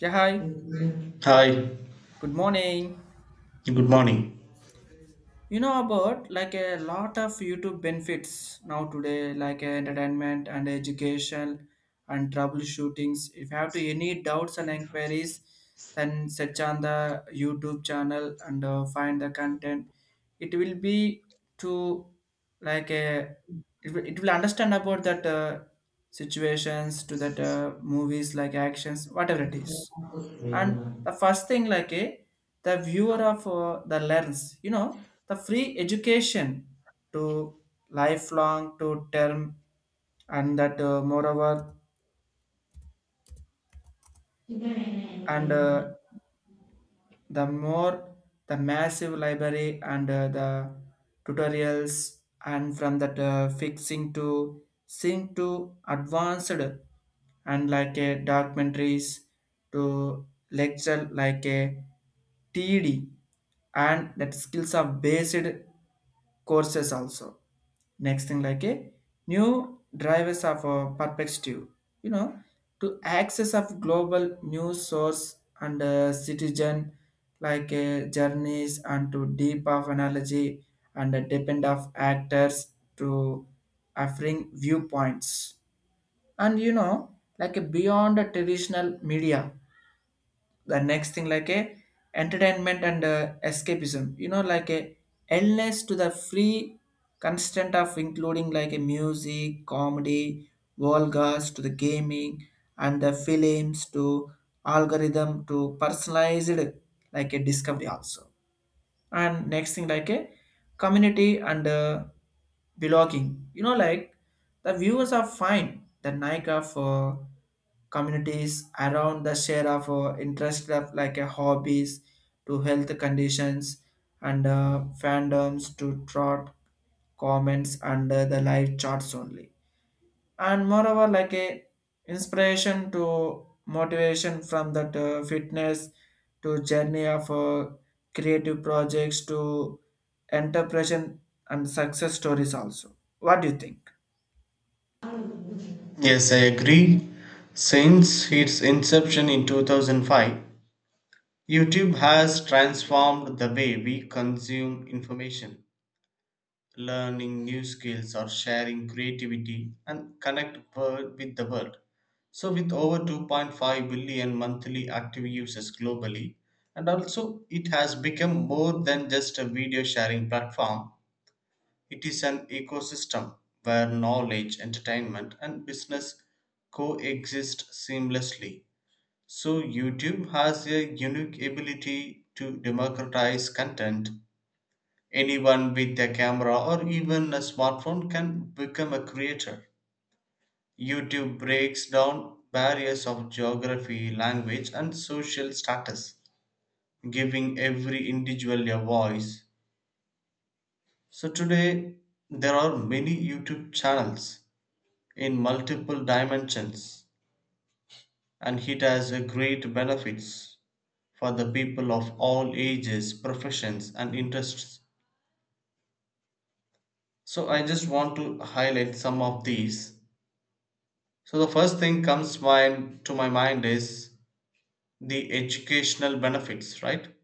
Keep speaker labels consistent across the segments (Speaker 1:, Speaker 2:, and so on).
Speaker 1: Yeah, hi.
Speaker 2: Hi,
Speaker 1: Good morning.
Speaker 2: good morning.
Speaker 1: You know about like a lot of YouTube benefits now today, like entertainment and education and troubleshootings. If you have to any doubts and inquiries, then search on the YouTube channel and find the content. It will be to like a it will understand about that situations to that movies like actions whatever it is. And the first thing like a the viewer of the lens you know the free education to lifelong to term and that moreover and the more the massive library and the tutorials and from that fixing to sync to advanced and like a documentaries to lecture like a TD and that skills are based courses also. Next thing like a new drivers of perspective you know to access of global news source and citizen like journeys and to deep of analogy and depend of actors to offering viewpoints and you know like a beyond a traditional media. The next thing like a entertainment and escapism you know like a endless to the free constant of including like a music comedy vulgars to the gaming and the films to algorithm to personalized like a discovery also. And next thing like a community and belonging you know like the viewers are fine the nike of communities around the share of interest of like a hobbies to health conditions and fandoms to trot comments under the live charts only. And moreover like a inspiration to motivation from that fitness to journey of creative projects to entrepreneurship and success stories also. What do you think?
Speaker 2: Yes, I agree. Since its inception in 2005, YouTube has transformed the way we consume information, learning new skills, or sharing creativity and with the world. So, with over 2.5 billion monthly active users globally, and also it has become more than just a video sharing platform. It is an ecosystem where knowledge, entertainment, and business coexist seamlessly. So, YouTube has a unique ability to democratize content. Anyone with a camera or even a smartphone can become a creator. YouTube breaks down barriers of geography, language, and social status, giving every individual a voice. So, today there are many YouTube channels in multiple dimensions, and it has a great benefits for the people of all ages, professions, and interests, so I just want to highlight some of these. So the first thing comes mind to my mind is the educational benefits, right?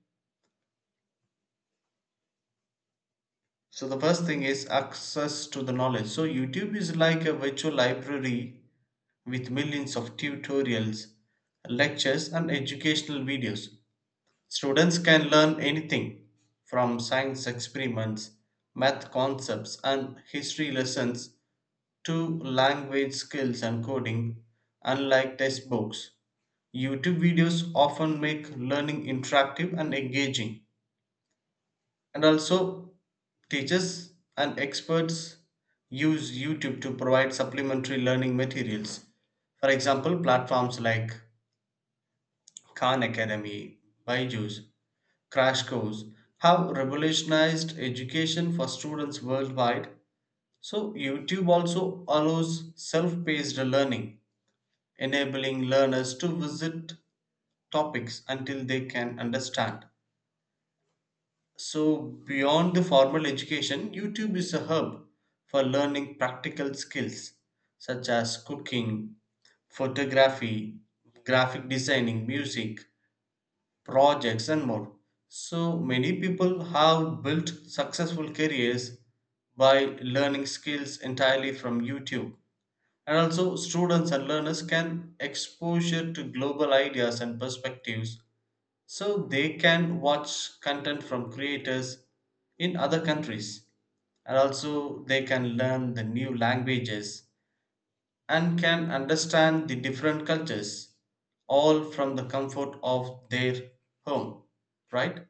Speaker 2: So the first thing is access to the knowledge. So YouTube is like a virtual library with millions of tutorials, lectures, and educational videos. Students can learn anything from science experiments, math concepts, and history lessons to language skills and coding. Unlike textbooks, YouTube videos often make learning interactive and engaging. And also, teachers and experts use YouTube to provide supplementary learning materials. For example, platforms like Khan Academy, Byju's, Crash Course have revolutionized education for students worldwide. So, YouTube also allows self paced learning, enabling learners to visit topics until they can understand. So, beyond the formal education, YouTube is a hub for learning practical skills such as cooking, photography, graphic designing, music, projects, and more. So many people have built successful careers by learning skills entirely from YouTube. And also, students and learners can exposure to global ideas and perspectives, so they can watch content from creators in other countries, and also they can learn the new languages and can understand the different cultures, all from the comfort of their home, right?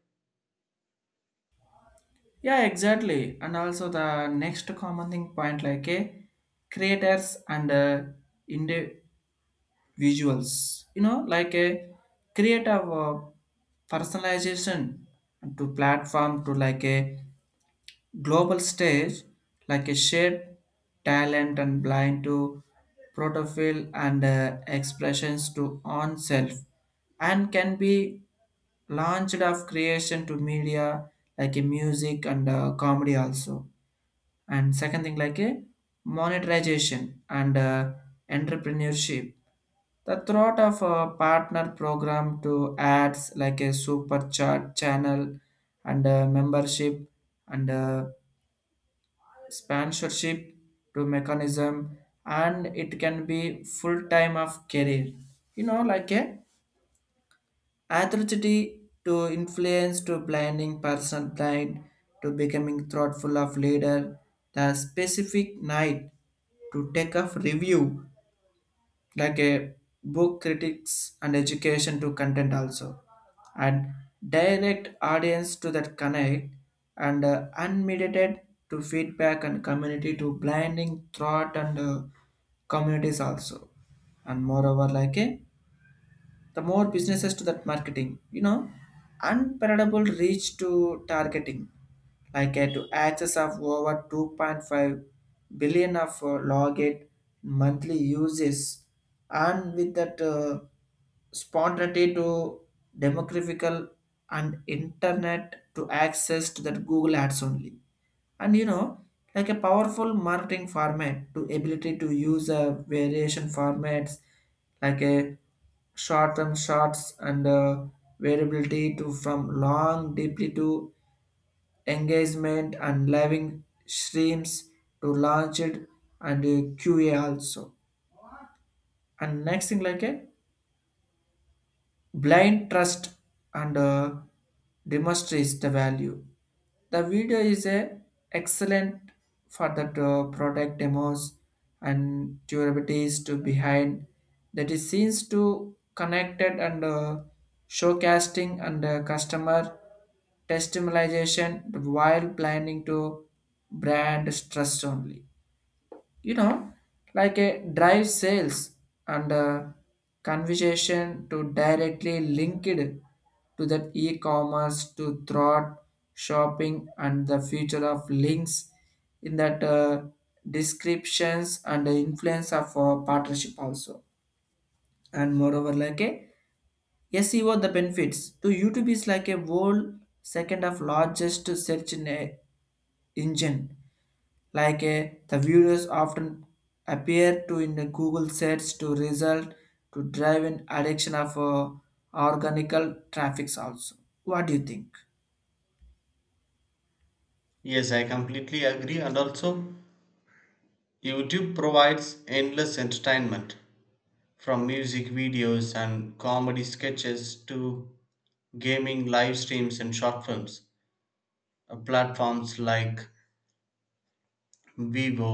Speaker 1: Yeah, exactly, and also the next common thing point like a creators and individuals you know like a creative personalization to platform to like a global stage like a shared talent and blind to protofill and expressions to on self and can be launched of creation to media like a music and comedy also. And second thing like a monetization and entrepreneurship the thought of a partner program to ads like a super chat channel and membership and sponsorship to mechanism and it can be full time of career you know like a authority to influence to blinding person blind to becoming thoughtful of leader the specific night to take off review like a book critics and education to content also. And direct audience to that connect and unmediated to feedback and community to blinding thought and communities also. And moreover like a the more businesses to that marketing you know unparallelable reach to targeting like to access of over 2.5 billion of login monthly uses and with that spontaneity to demographical and internet to access to that Google ads only. And you know like a powerful marketing format to ability to use a variation formats like a short term shots and variability to from long deeply to engagement and living streams to launch it and qa also. And next thing like a blind trust and demonstrates the value. The video is a excellent for the product demos and durabilities to behind that is seems to connected and showcasing and customer testimonialization while planning to brand trust only, you know, like a drive sales and a conversation to directly link it to that e-commerce to thought shopping and the future of links in that descriptions and the influence of partnership also. And moreover like a SEO the benefits to YouTube is like a whole second of largest search in a engine like a, the viewers often appear to in the Google search to result to drive an addiction of organical traffics also. What do you think?
Speaker 2: Yes, I completely agree. And also, YouTube provides endless entertainment, from music videos and comedy sketches to gaming live streams and short films. Platforms like vivo,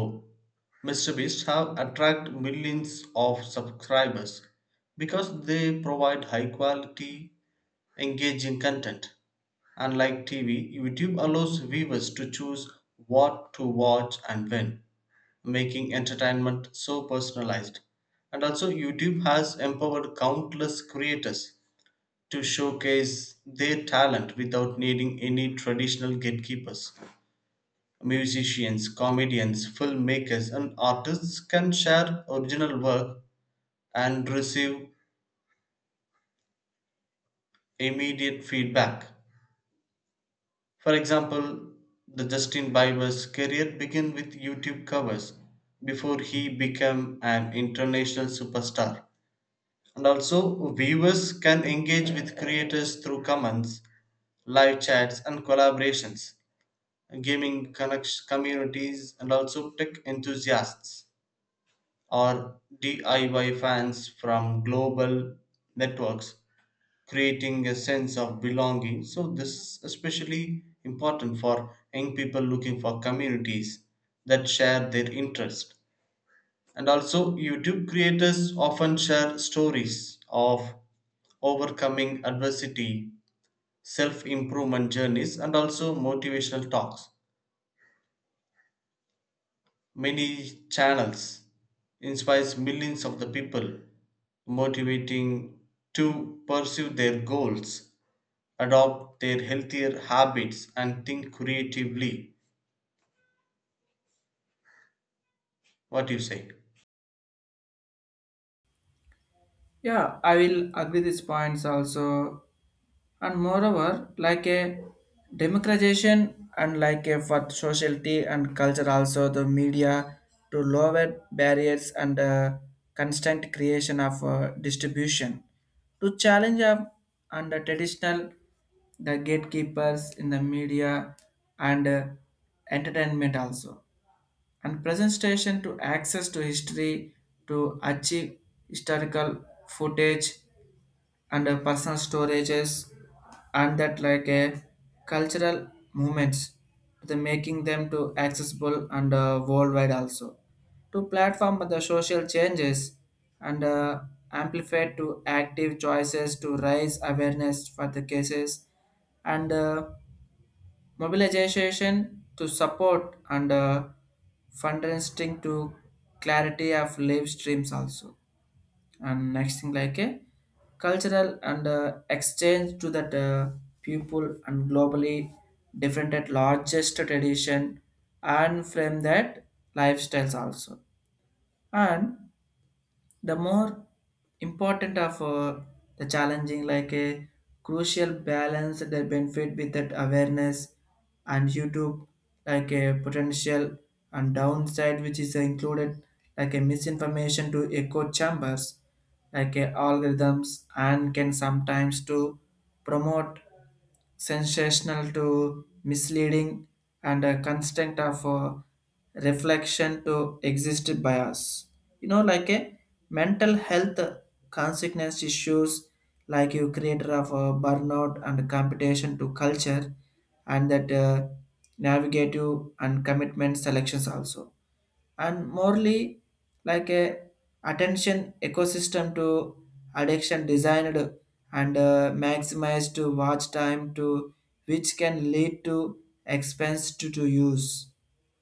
Speaker 2: mrbeast have attracted millions of subscribers because they provide high quality, engaging content. Unlike TV, YouTube allows viewers to choose what to watch and when, making entertainment so personalized. And also, YouTube has empowered countless creators to showcase their talent without needing any traditional gatekeepers. Musicians, comedians, filmmakers, and artists can share original work and receive immediate feedback. For example, the Justin Bieber's career began with YouTube covers before he became an international superstar. And also, viewers can engage with creators through comments, live chats, and collaborations. Communities, and also tech enthusiasts or DIY fans, from global networks creating a sense of belonging. So, this is especially important for young people looking for communities that share their interest. And also, YouTube creators often share stories of overcoming adversity, self improvement journeys, and also motivational talks. Many channels inspires millions of the people, motivating to pursue their goals, adopt their healthier habits, and think creatively. What do you say?
Speaker 1: Yeah, I will agree these points also. And moreover, like a democratization and like a for sociality and culture also the media to lower barriers and constant creation of distribution to challenge up and the traditional the gatekeepers in the media and entertainment also and presentation to access to history to achieve historical footage and personal storages and that like a cultural movements the making them to accessible and worldwide also to platform the social changes and amplify to active choices to raise awareness for the cases and mobilization to support and fundraising to clarity of live streams also. And next thing like a cultural and exchange to that people and globally different at largest tradition and from that lifestyles also. And the more important of the challenging like a crucial balance the benefit with that awareness and YouTube like a potential and downside which is included like a misinformation to echo chambers like a algorithms and can sometimes to promote sensational to misleading and a constant of reflection to exist bias. You know, like a mental health consequence issues like you creator of burnout and competition to culture and that navigative and commitment selections also. And morely like a attention ecosystem to addiction designed and maximized to watch time to which can lead to expense to use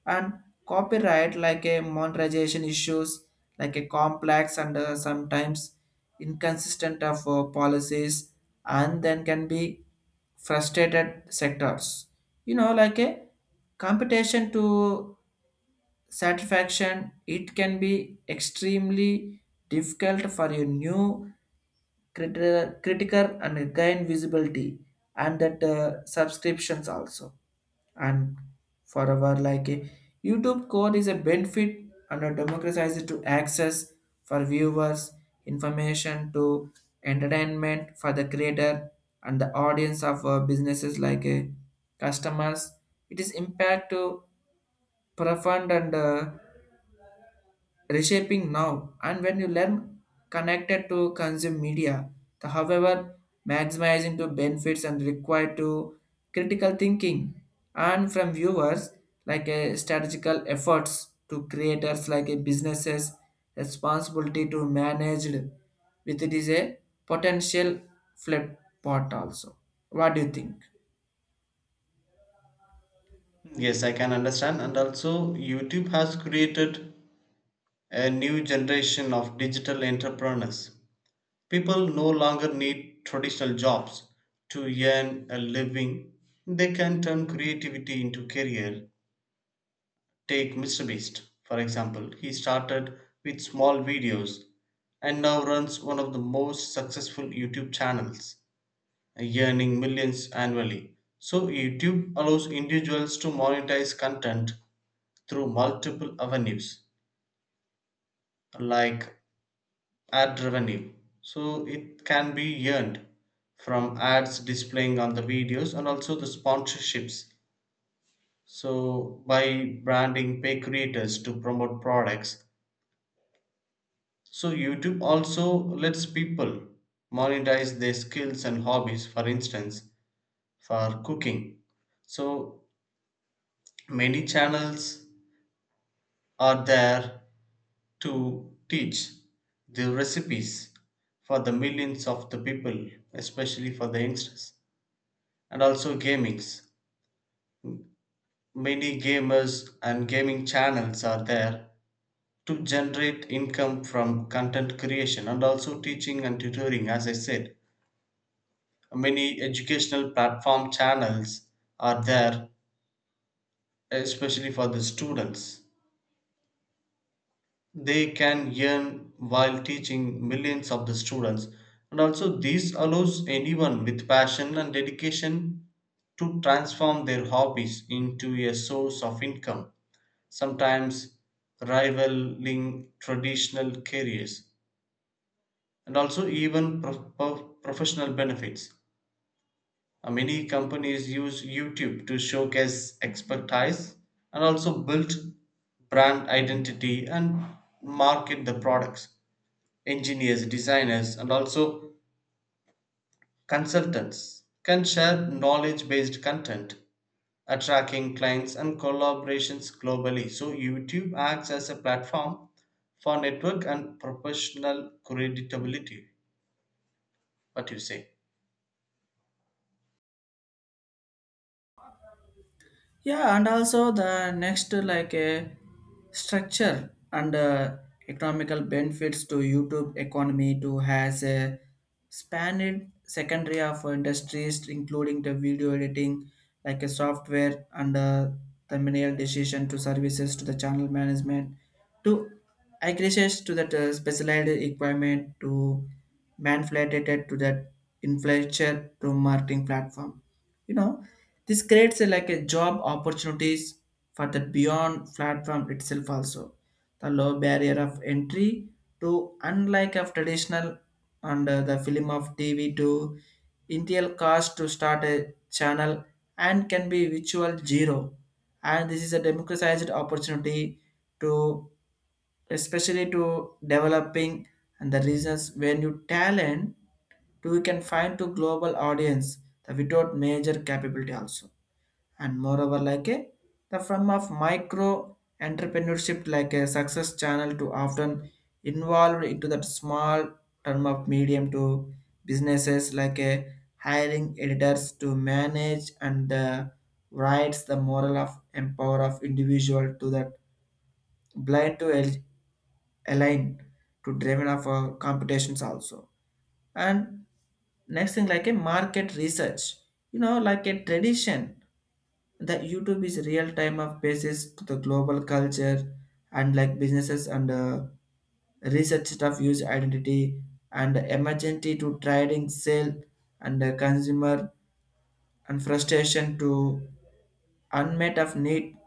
Speaker 1: and copyright like a monetization issues like a complex and sometimes inconsistent of policies and then can be frustrated sectors you know like a competition to satisfaction, it can be extremely difficult for your new critical and gain visibility and that subscriptions also. And for our like a YouTube code is a benefit and a democratized to access for viewers, information to entertainment for the creator and the audience of businesses like customers. It is impact to profound and reshaping now and when you learn connected to consume media the however maximizing to benefits and required to critical thinking and from viewers like a strategical efforts to creators like a businesses responsibility to managed with it is a potential flip pot also. What do you think?
Speaker 2: Yes, I can understand. And also, YouTube has created a new generation of digital entrepreneurs. People no longer need traditional jobs to earn a living. They can turn creativity into career. Take Mr. Beast, for example. He started with small videos and now runs one of the most successful YouTube channels, earning millions annually. So, YouTube allows individuals to monetize content through multiple avenues, like ad revenue. So, it can be earned from ads displaying on the videos, and also the sponsorships. So, by branding pay creators to promote products. So, YouTube also lets people monetize their skills and hobbies. For instance, for cooking. So, many channels are there to teach the recipes for the millions of the people, especially for the youngsters, and also gamings. Many gamers and gaming channels are there to generate income from content creation, and also teaching and tutoring, as I said. Many educational platform channels are there, especially for the students. They can earn while teaching millions of the students, and also this allows anyone with passion and dedication to transform their hobbies into a source of income, sometimes rivaling traditional careers, and also even professional benefits. Many companies use YouTube to showcase expertise, and also build brand identity and market the products. Engineers, designers, and also consultants can share knowledge based content, attracting clients and collaborations globally. So, YouTube acts as a platform for network and professional credibility. What you say?
Speaker 1: Yeah, and also the next like a structure and economical benefits to YouTube economy to has a spanned secondary of industries including the video editing like a software and thumbnail decision to services to the channel management to access to that specialized equipment to manipulated to that influencer to marketing platform you know this creates like a job opportunities for the beyond platform itself also. The low barrier of entry to unlike of traditional and the film of TV to initial cost to start a channel and can be virtual zero. And this is a democratized opportunity to especially to developing and the reasons when you talent to you can find to global audience the without major capability also. And moreover like a the form of micro entrepreneurship like a success channel to often involved into that small term of medium to businesses like a hiring editors to manage and writes the moral of empower of individual to that blind to el- align to driven of competitions also. And next thing like a market research you know like a tradition the YouTube is real time of basis to the global culture and like businesses and research stuff use identity and emergency to trading sale and consumer and frustration to unmet of need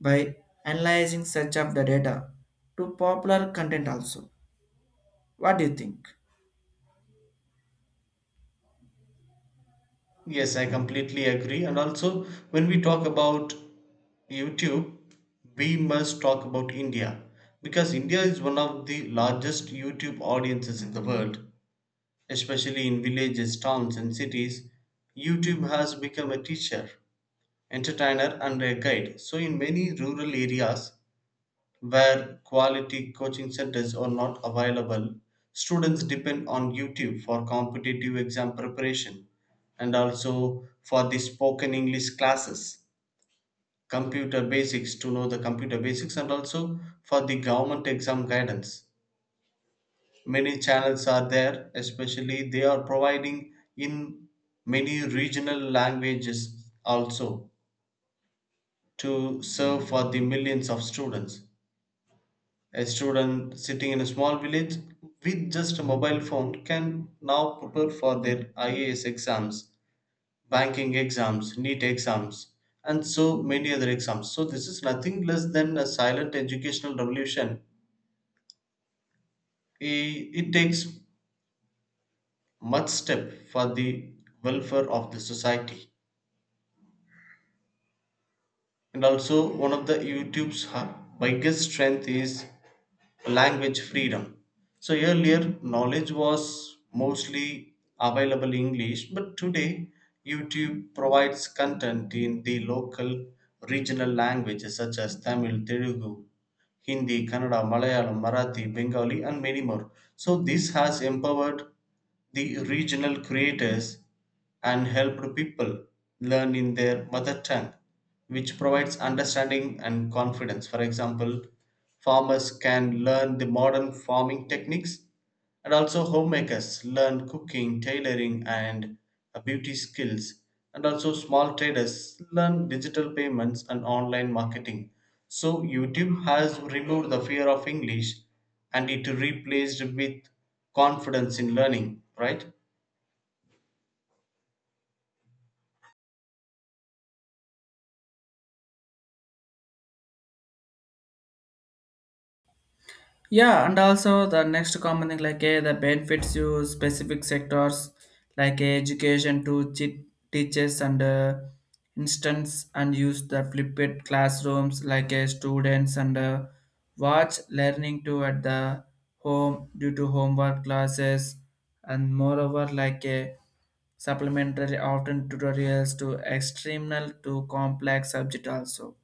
Speaker 1: by analyzing such of the data to popular content also. What do you think?
Speaker 2: Yes, I completely agree. And also, when we talk about YouTube, we must talk about India, because India is one of the largest YouTube audiences in the world. Especially in villages, towns, and cities, YouTube has become a teacher, entertainer, and a guide. So, in many rural areas where quality coaching centers are not available, students depend on YouTube for competitive exam preparation, and also for the spoken English classes, computer basics to know the computer basics, and also for the government exam guidance. Many channels are there, especially they are providing in many regional languages also, to serve for the millions of students. A student sitting in a small village with just a mobile phone can now prepare for their IAS exams, banking exams, NEET exams, and so many other exams. So, this is nothing less than a silent educational revolution. It takes much step for the welfare of the society. And also, one of the YouTube's biggest strength is language freedom. So earlier, knowledge was mostly available in English, but today YouTube provides content in the local regional languages such as Tamil, Telugu, Hindi, Kannada, Malayalam, Marathi, Bengali, and many more. So, this has empowered the regional creators and helped people learn in their mother tongue, which provides understanding and confidence. For example, farmers can learn the modern farming techniques, and also homemakers learn cooking, tailoring, and beauty skills, and also small traders learn digital payments and online marketing. So YouTube has removed the fear of English and it replaced with confidence in learning, right?
Speaker 1: Yeah, and also the next common thing like the benefits you specific sectors like education to teachers and instance and use the flipped classrooms like students and watch learning to at the home due to homework classes. And moreover like a supplementary often tutorials to external to complex subject also.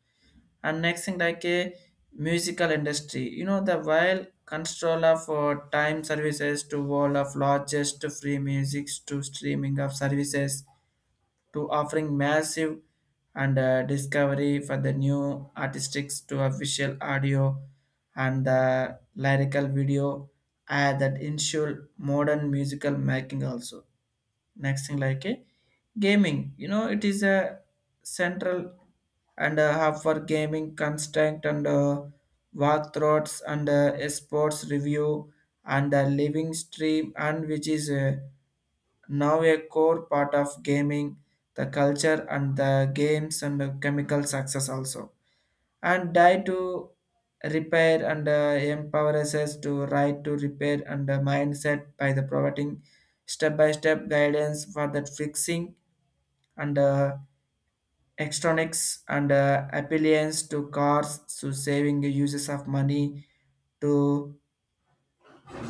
Speaker 1: And next thing like a musical industry you know the while control of time services to world of largest free music to streaming of services to offering massive and discovery for the new artistics to official audio and the lyrical video add that ensure modern musical making also. Next thing like a gaming, you know, it is a central and a hub for gaming construct and walkthroughs and sports review and a living stream and which is now a core part of gaming, the culture and the games and the chemical success also. And die to repair and empowers us to right to repair and mindset by the providing step-by-step guidance for that fixing and electronics and appliance to cars to saving the uses of money to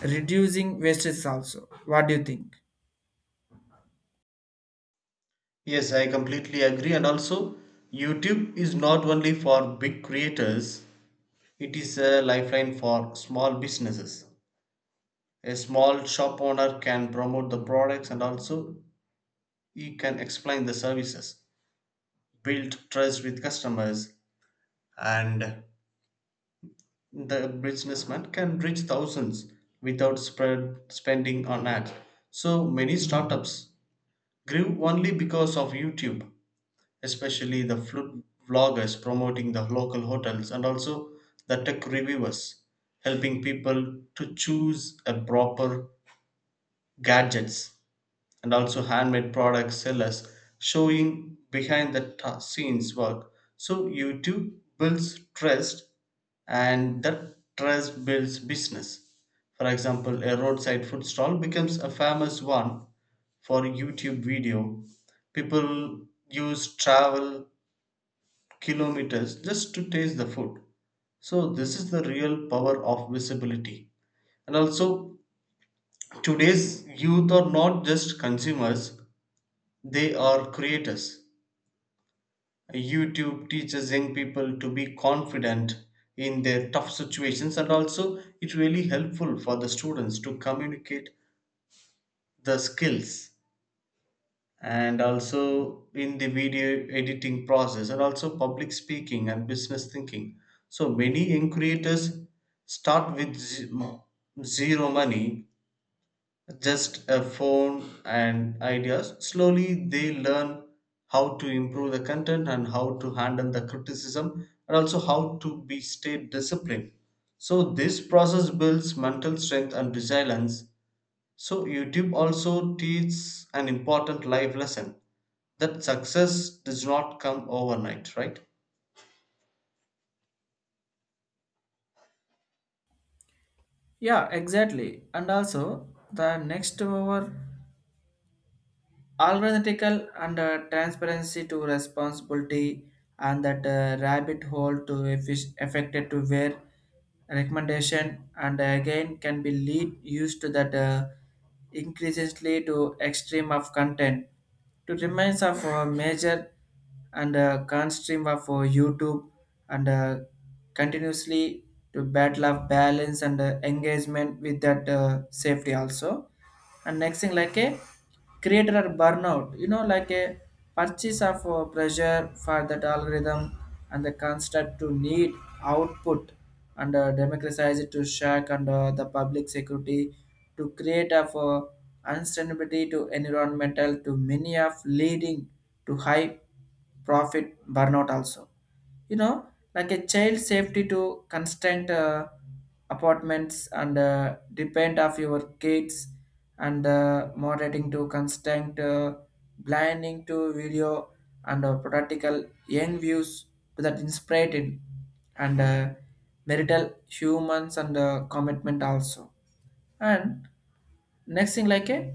Speaker 1: reducing wastage also. What do you think?
Speaker 2: Yes, I completely agree. And also, YouTube is not only for big creators, it is a lifeline for small businesses. A small shop owner can promote the products, and also he can explain the services, build trust with customers, and the businessman can reach thousands without spread spending on ads. So many startups grew only because of YouTube, especially the food vloggers promoting the local hotels, and also the tech reviewers helping people to choose a proper gadgets, and also handmade product sellers showing behind the scenes work. So you do builds trust, and that trust builds business. For example, a roadside food stall becomes a famous one for YouTube video. People use travel kilometers just to taste the food. So this is the real power of visibility. And also, today's youth are not just consumers, they are creators. YouTube teaches young people to be confident in their tough situations, and also it really helpful for the students to communicate the skills, and also in the video editing process, and also public speaking and business thinking. So many young creators start with zero money, just a phone and ideas. Slowly they learn how to improve the content, and how to handle the criticism, and also how to be stay disciplined. So this process builds mental strength and resilience. So YouTube also teaches an important life lesson, that success does not come overnight, right?
Speaker 1: Yeah, exactly, and also the next over algorithmical and transparency to responsibility and that rabbit hole to affected to where recommendation and again can be lead used to that increasingly to extreme of content to remains of major and constream of youtube and continuously to battle of balance and engagement with that safety also. And next thing like a created a burnout you know like a purchase of pressure for that algorithm and the constant to need output and democratize it to shack and the public security to create of unsustainability to environmental to many of leading to high profit burnout also. You know like a child safety to constant apartments and depend of your kids and moderating to constant blinding to video and practical young views to that inspired and marital humans and commitment also. And next thing like a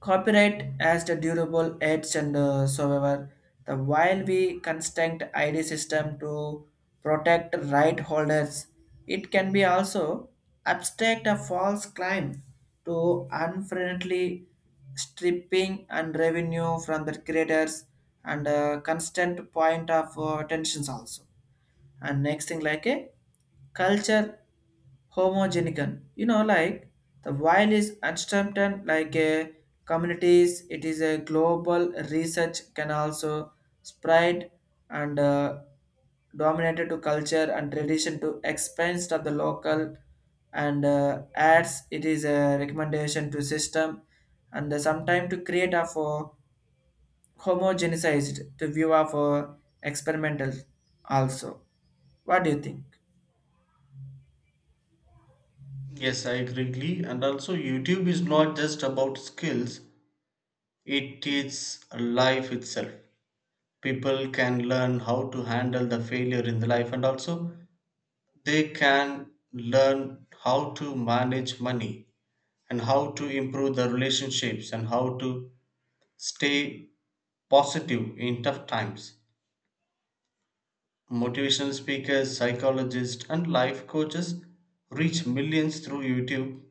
Speaker 1: copyright as the durable edge and so ever, the while we construct ID system to protect right holders, it can be also abstract a false claim to unfriendly stripping and revenue from the creators and constant point of tensions also. And next thing like a culture homogenican you know like the while is uncertain like a communities it is a global research can also spread and dominated to culture and tradition to expense of the local and adds it is a recommendation to system and sometime to create a for homogenized to viewer for experimental also. What do you think?
Speaker 2: Yes, I agree. Glee. And also, YouTube is not just about skills, it teaches life itself. People can learn how to handle the failure in the life, and also they can learn how to manage money, and how to improve the relationships, and how to stay positive in tough times. Motivational speakers, psychologists, and life coaches reach millions through YouTube.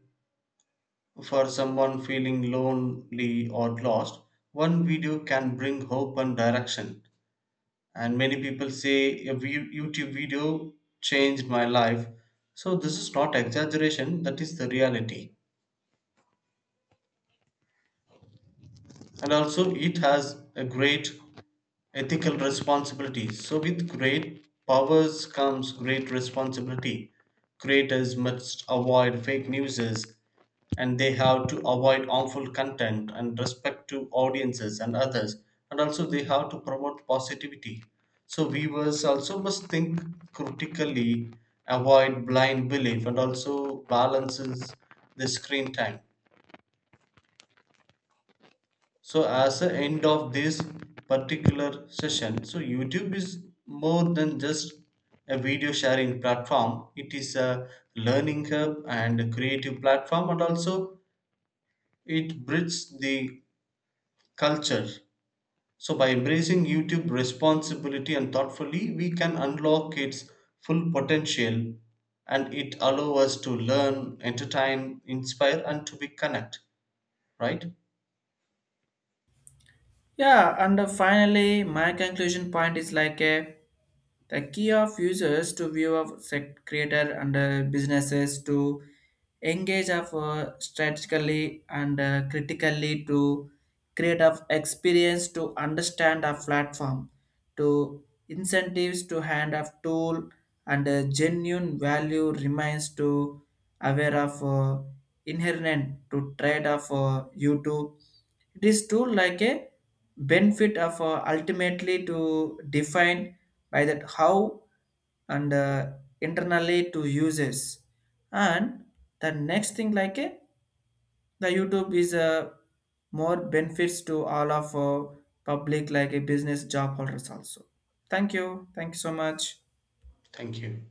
Speaker 2: For someone feeling lonely or lost, one video can bring hope and direction, and many people say a YouTube video changed my life. So this is not exaggeration, that is the reality. And also, it has a great ethical responsibility. So, with great powers comes great responsibility. Creators must avoid fake news, and they have to avoid harmful content and respect to audiences and others, and also they have to promote positivity. So, viewers also must think critically, avoid blind belief, and also balances the screen time. So as the end of this particular session, so YouTube is more than just a video sharing platform. It is a learning hub and a creative platform, and also it bridges the culture. So by embracing YouTube responsibility and thoughtfully, we can unlock its full potential, and it allows us to learn, entertain, inspire, and to be connect, right?
Speaker 1: Yeah, and finally, my conclusion point is like a the key of users to view of creator and businesses to engage of strategically and critically to create of experience to understand a platform to incentives to hand of tool and genuine value remains to aware of inherent to trade of youtube it is too like a benefit of ultimately to define by that how and internally to uses. And the next thing like a the youtube is more benefits to all of public like a business job holders also. Thank you, thank you so much.
Speaker 2: Thank you.